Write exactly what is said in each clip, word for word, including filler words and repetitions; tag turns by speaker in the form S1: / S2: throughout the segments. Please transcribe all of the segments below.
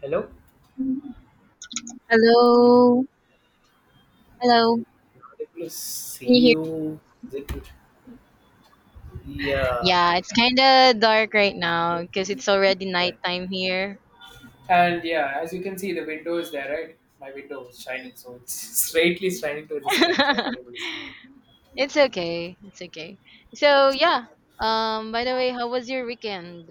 S1: Hello?
S2: Hello. Hello.
S1: Not able to see
S2: Can you hear me?
S1: you. Is it? Yeah.
S2: Yeah, it's kind of dark right now because it's already
S1: yeah.
S2: nighttime here.
S1: And yeah, as you can see, the window is there, right? My window is shining, so it's straightly shining to the screen, so I'm not able to see you.
S2: It's okay. It's okay. So, yeah. Um by the way, how was your weekend?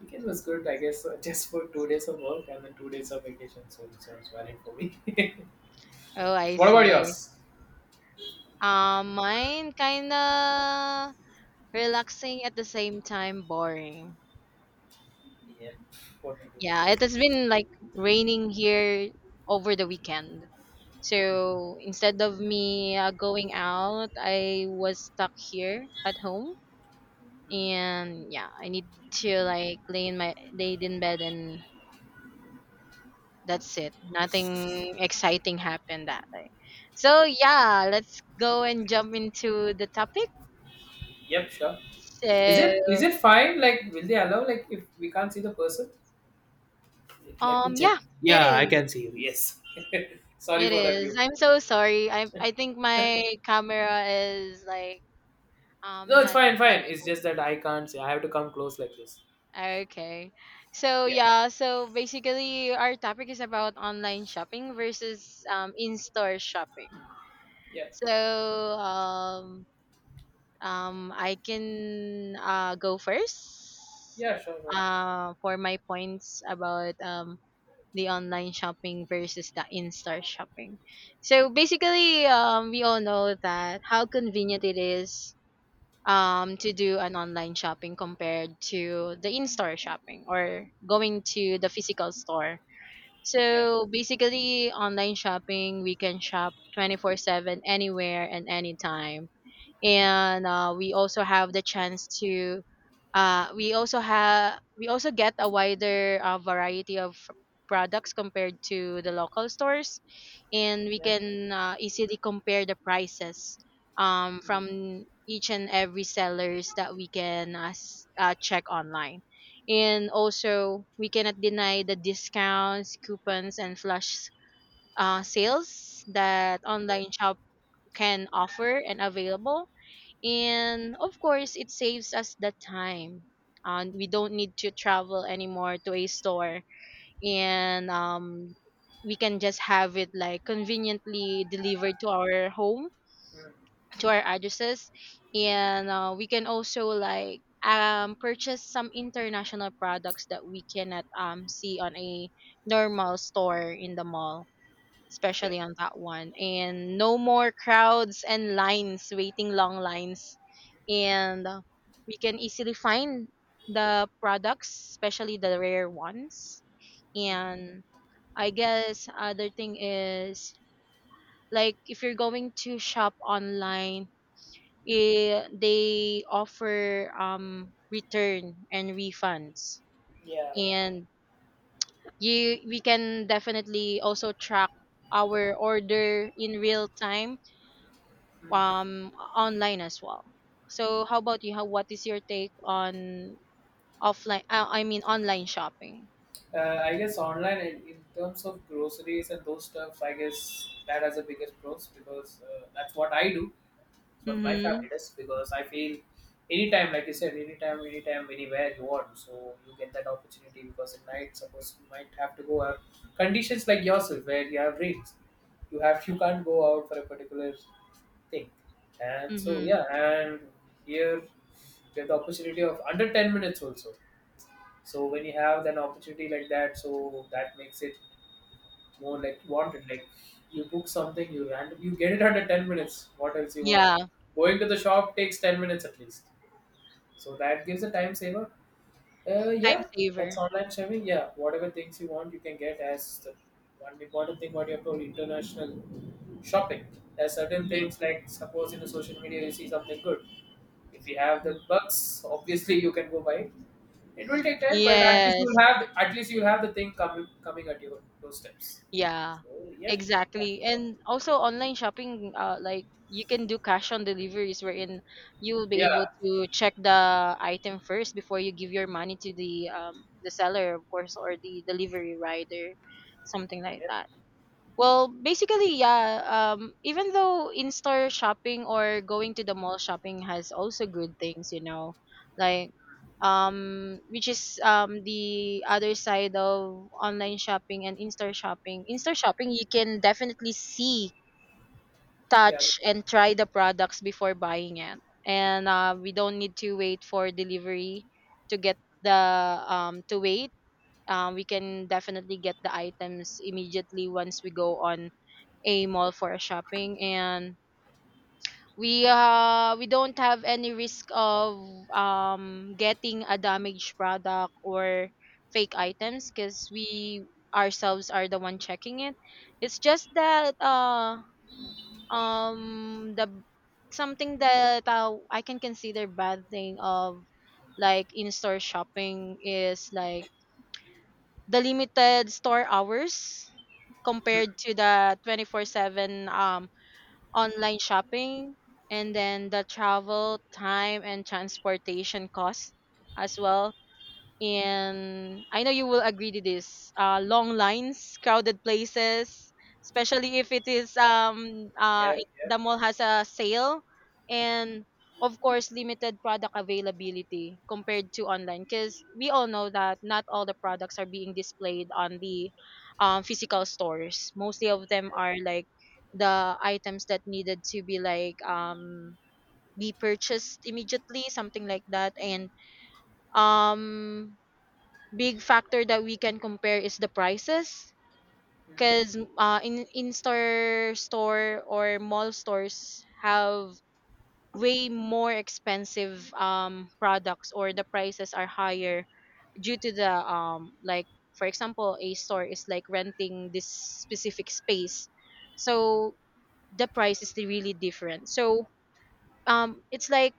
S1: Weekend was good, I guess, uh, just for two days of work and then two days of vacation, so it sounds valid for me.
S2: Oh, I
S1: What
S2: see.
S1: about
S2: I see.
S1: yours?
S2: Um mine kind of relaxing at the same time boring.
S1: Yep. What to
S2: Yeah,
S1: do?
S2: it has been like raining here over the weekend. So instead of me uh, going out, I was stuck here at home,
S1: Mhm.
S2: and yeah, I need to like lay in my laid in bed, and that's it. Nothing exciting happened that day. So yeah, let's go and jump into the topic.
S1: Yep, sure. Is it is
S2: So
S1: it fine? Like, will they allow? Like, if we can't see the person? Let me
S2: um,
S1: check.
S2: yeah, it
S1: Yeah, I
S2: is.
S1: can see you. Yes. Sorry
S2: It
S1: for that
S2: is.
S1: view.
S2: I'm so sorry. I I think my camera is like Um,
S1: No, it's
S2: not,
S1: fine,
S2: not
S1: fine.
S2: at
S1: It's
S2: all.
S1: just that I can't say. I have to come close like this.
S2: Ah, okay. So
S1: Yeah,
S2: yeah, so basically our topic is about online shopping versus um in-store shopping.
S1: yeah,
S2: So um um I can uh go first
S1: yeah, sure, sure.
S2: uh for my points about um the online shopping versus the in-store shopping. So basically um we all know that how convenient it is, um, to do an online shopping compared to the in-store shopping or going to the physical store.
S1: Yeah,
S2: So basically, online shopping, we can shop twenty-four seven anywhere and anytime, and uh, we also have the chance to uh, we also have we also get a wider uh, variety of products compared to the local stores, and we
S1: yeah,
S2: can uh, easily compare the prices, um,
S1: mm,
S2: from each and every sellers that we can uh, s- uh, check online. And also we cannot deny the discounts, coupons, and flash uh, sales that
S1: yeah,
S2: online shop can offer and available, and of course it saves us the time, and we don't need to travel anymore to a store. And um we can just have it like conveniently delivered to our home,
S1: mm,
S2: to our addresses. And uh, we can also like um purchase some international products that we cannot um see on a normal store in the mall,
S1: yeah,
S2: especially on that one. And no more crowds and lines, waiting long lines. And uh, we can easily find the products, especially the rare ones. And I guess other thing is, like if you're going to shop online, eh, they offer um return and refunds.
S1: yeah, yeah.
S2: And you we can definitely also track our order in real time
S1: Mm.
S2: um online as well. So how about you? How what is your take on offline? Uh, I mean online shopping.
S1: Uh, I guess online in, in terms of groceries and those stuffs, I guess that has the biggest pros because uh, that's what I do. It's what my
S2: Mm-hmm.
S1: family does because I feel anytime, like you said, anytime, anytime, anywhere you want, so you get that opportunity because at night, suppose you might have to go out. Conditions like yourself where you have rain, you have you can't go out for a particular thing. And so
S2: Mm-hmm.
S1: yeah, and here you have the opportunity of under ten minutes also, so when you have an opportunity like that, so that makes it more like wanted. Like, you book something, you random, you get it under ten minutes. What else you want?
S2: Yeah,
S1: Going to the shop takes ten minutes at least, so that gives a time saver. Uh,
S2: time
S1: yeah, that's
S2: saver.
S1: online shopping. Yeah, whatever things you want you can get. As the one important thing what you have told, international shopping. There are certain
S2: Yep.
S1: things like, suppose in the social media you see something good. If you have the
S2: Yep.
S1: bucks, obviously you can go buy it. It will take time, but at least
S2: Yes.
S1: you'll have at least you'll have the thing coming coming at your doorsteps.
S2: Yeah.
S1: So yeah, that's
S2: Exactly.
S1: what-
S2: And also online shopping, uh, like you can do cash on deliveries wherein you will be able
S1: yeah,
S2: to check the item first before you give your money to the um the seller, of course, or the delivery rider, something like
S1: yeah,
S2: that. Well, basically, yeah. Um, even though in-store shopping or going to the mall shopping has also good things, you know, like, um, which is um the other side of online shopping and in-store shopping. In-store shopping, you can definitely see,
S1: yeah,
S2: touch, and try the products before buying it, and uh, we don't need to wait for delivery to get the um to wait. Um, we can definitely get the items immediately once we go on a mall for shopping, and we uh we don't have any risk of um getting a damaged product or fake items because we ourselves are the one checking it. It's just that uh um the something that uh, I can consider bad thing of like in-store shopping is like the limited store hours compared to the twenty-four seven um online shopping, and then the travel time and transportation costs as well. And I know you will agree to this. Uh, long lines, crowded places, especially if it is um uh
S1: yeah.
S2: it,
S1: Yeah.
S2: the mall has a sale, and of course limited product availability compared to online. Because we all know that not all the products are being displayed on the, um, physical stores. Mostly of them are like the items that needed to be like um be purchased immediately, something like that, and um big factor that we can compare is the prices, because uh, in in store store or mall stores have way more expensive um products, or the prices are higher due to the um like for example a store is like renting this specific space, so the price is really different. So um it's like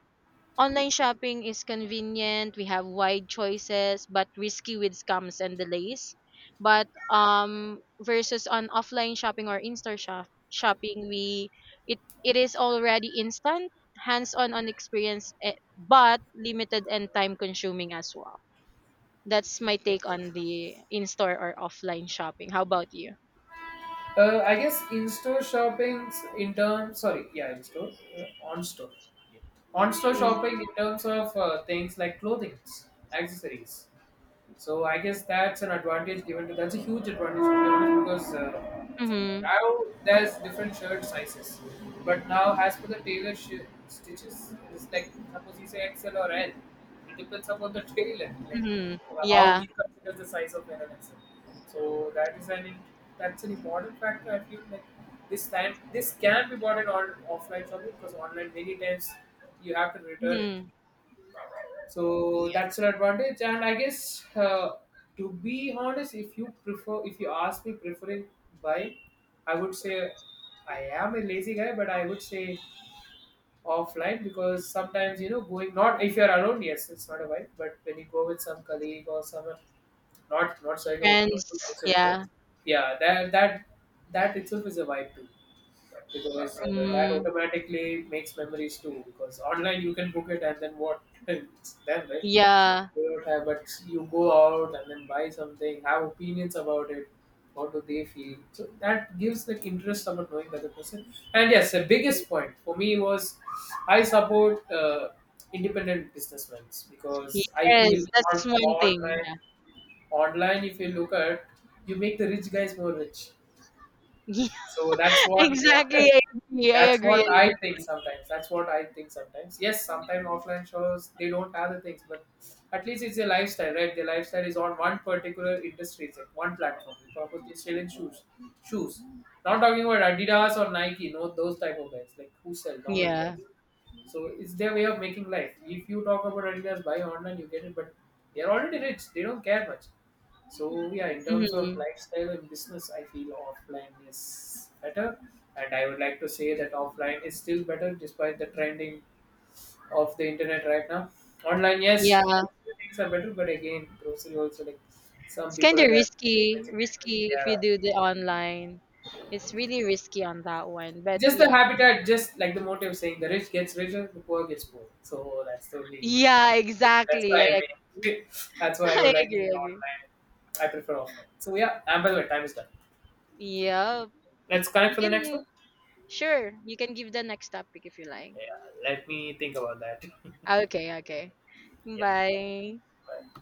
S2: online shopping is convenient. We have wide choices, but risky with scams and delays. But um, versus on offline shopping or in-store shop, shopping, we it it is already instant, hands-on on experience, eh, but limited and time-consuming as well. That's my
S1: Hmm.
S2: take on the in-store or offline shopping. How about you?
S1: Uh, I guess in-store shopping. In terms, sorry, yeah, in-store, uh, on-store. On-store shopping in terms of uh, things like clothing, accessories. So I guess that's an advantage given to that's a huge advantage, to be honest, because uh, see,
S2: Mm-hmm.
S1: now there's different shirt sizes, but now as per the tailor sh- stitches, it's like suppose you say X L or L, it depends upon the tailor, like
S2: Mm-hmm.
S1: how
S2: Yeah.
S1: he considers the size of L and X L. So that is an in- that's an important factor. I feel like this time this can be bought in on offline shopping, because online many times you have to return it,
S2: Mm-hmm.
S1: so
S2: Yeah.
S1: that's an advantage. And I guess, uh, to be honest, if you prefer, if you ask me preferring bike, I would say, I am a lazy guy, but I would say offline, because sometimes you know going, not if you're alone. Yes, it's not a bike, but when you go with some colleague or someone, not not showing about
S2: Friends.
S1: local grocery shop,
S2: Yeah.
S1: yeah, that that that itself is a vibe too, because uh, that
S2: Mm,
S1: automatically makes memories too, because online you can book it and then what? Then, right,
S2: yeah.
S1: they don't have, but you go out and then buy something, have opinions about it. What do they feel? So that gives that interest about knowing the other person. And yes, the biggest point for me was I support uh, independent businessmen, because I
S2: Yes,
S1: feel
S2: that's
S1: on
S2: one thing,
S1: online,
S2: yeah.
S1: online, if you look at, you make the rich guys more rich. So that's what, what,
S2: Exactly, I agree, I
S1: that's what
S2: agree, I agree.
S1: I think sometimes. That's what I think sometimes. Yes, sometimes offline shows they don't have the things, but at least it's a lifestyle, right? The lifestyle is on one particular industry, it's like one platform. We probably sell in shoes, shoes. Not talking about Adidas or Nike, no, those type of guys like who sell normal
S2: Yeah.
S1: guys. So it's their way of making life. If you talk about Adidas, buy online, you get it. But they're already rich. They don't care much. So yeah, in terms of
S2: Mhm.
S1: lifestyle and business, I feel offline is better. And I would like to say that offline is still better despite the trending of the internet right now. Online, yes,
S2: Yeah.
S1: grocery things are better, but again, grocery also, like, some
S2: It's
S1: people are
S2: kinda
S1: there.
S2: risky, risky if you
S1: Yeah.
S2: do the online. It's really risky on that one, but
S1: Just the
S2: yeah.
S1: habitat, just like the motive saying the rich gets richer, the poor gets poor. So that's totally.
S2: Yeah,
S1: That's
S2: exactly, I
S1: why I
S2: ag
S1: mean, that's why I
S2: I
S1: would like to
S2: agree,
S1: say
S2: I agree.
S1: online. I prefer offline. So yeah, and by the way, time is done.
S2: Yeah.
S1: Let's connect
S2: You
S1: for the next one.
S2: can sure, you can give the next topic if you like.
S1: Yeah, let me think about that.
S2: Okay, okay.
S1: Yeah.
S2: Bye.
S1: Bye.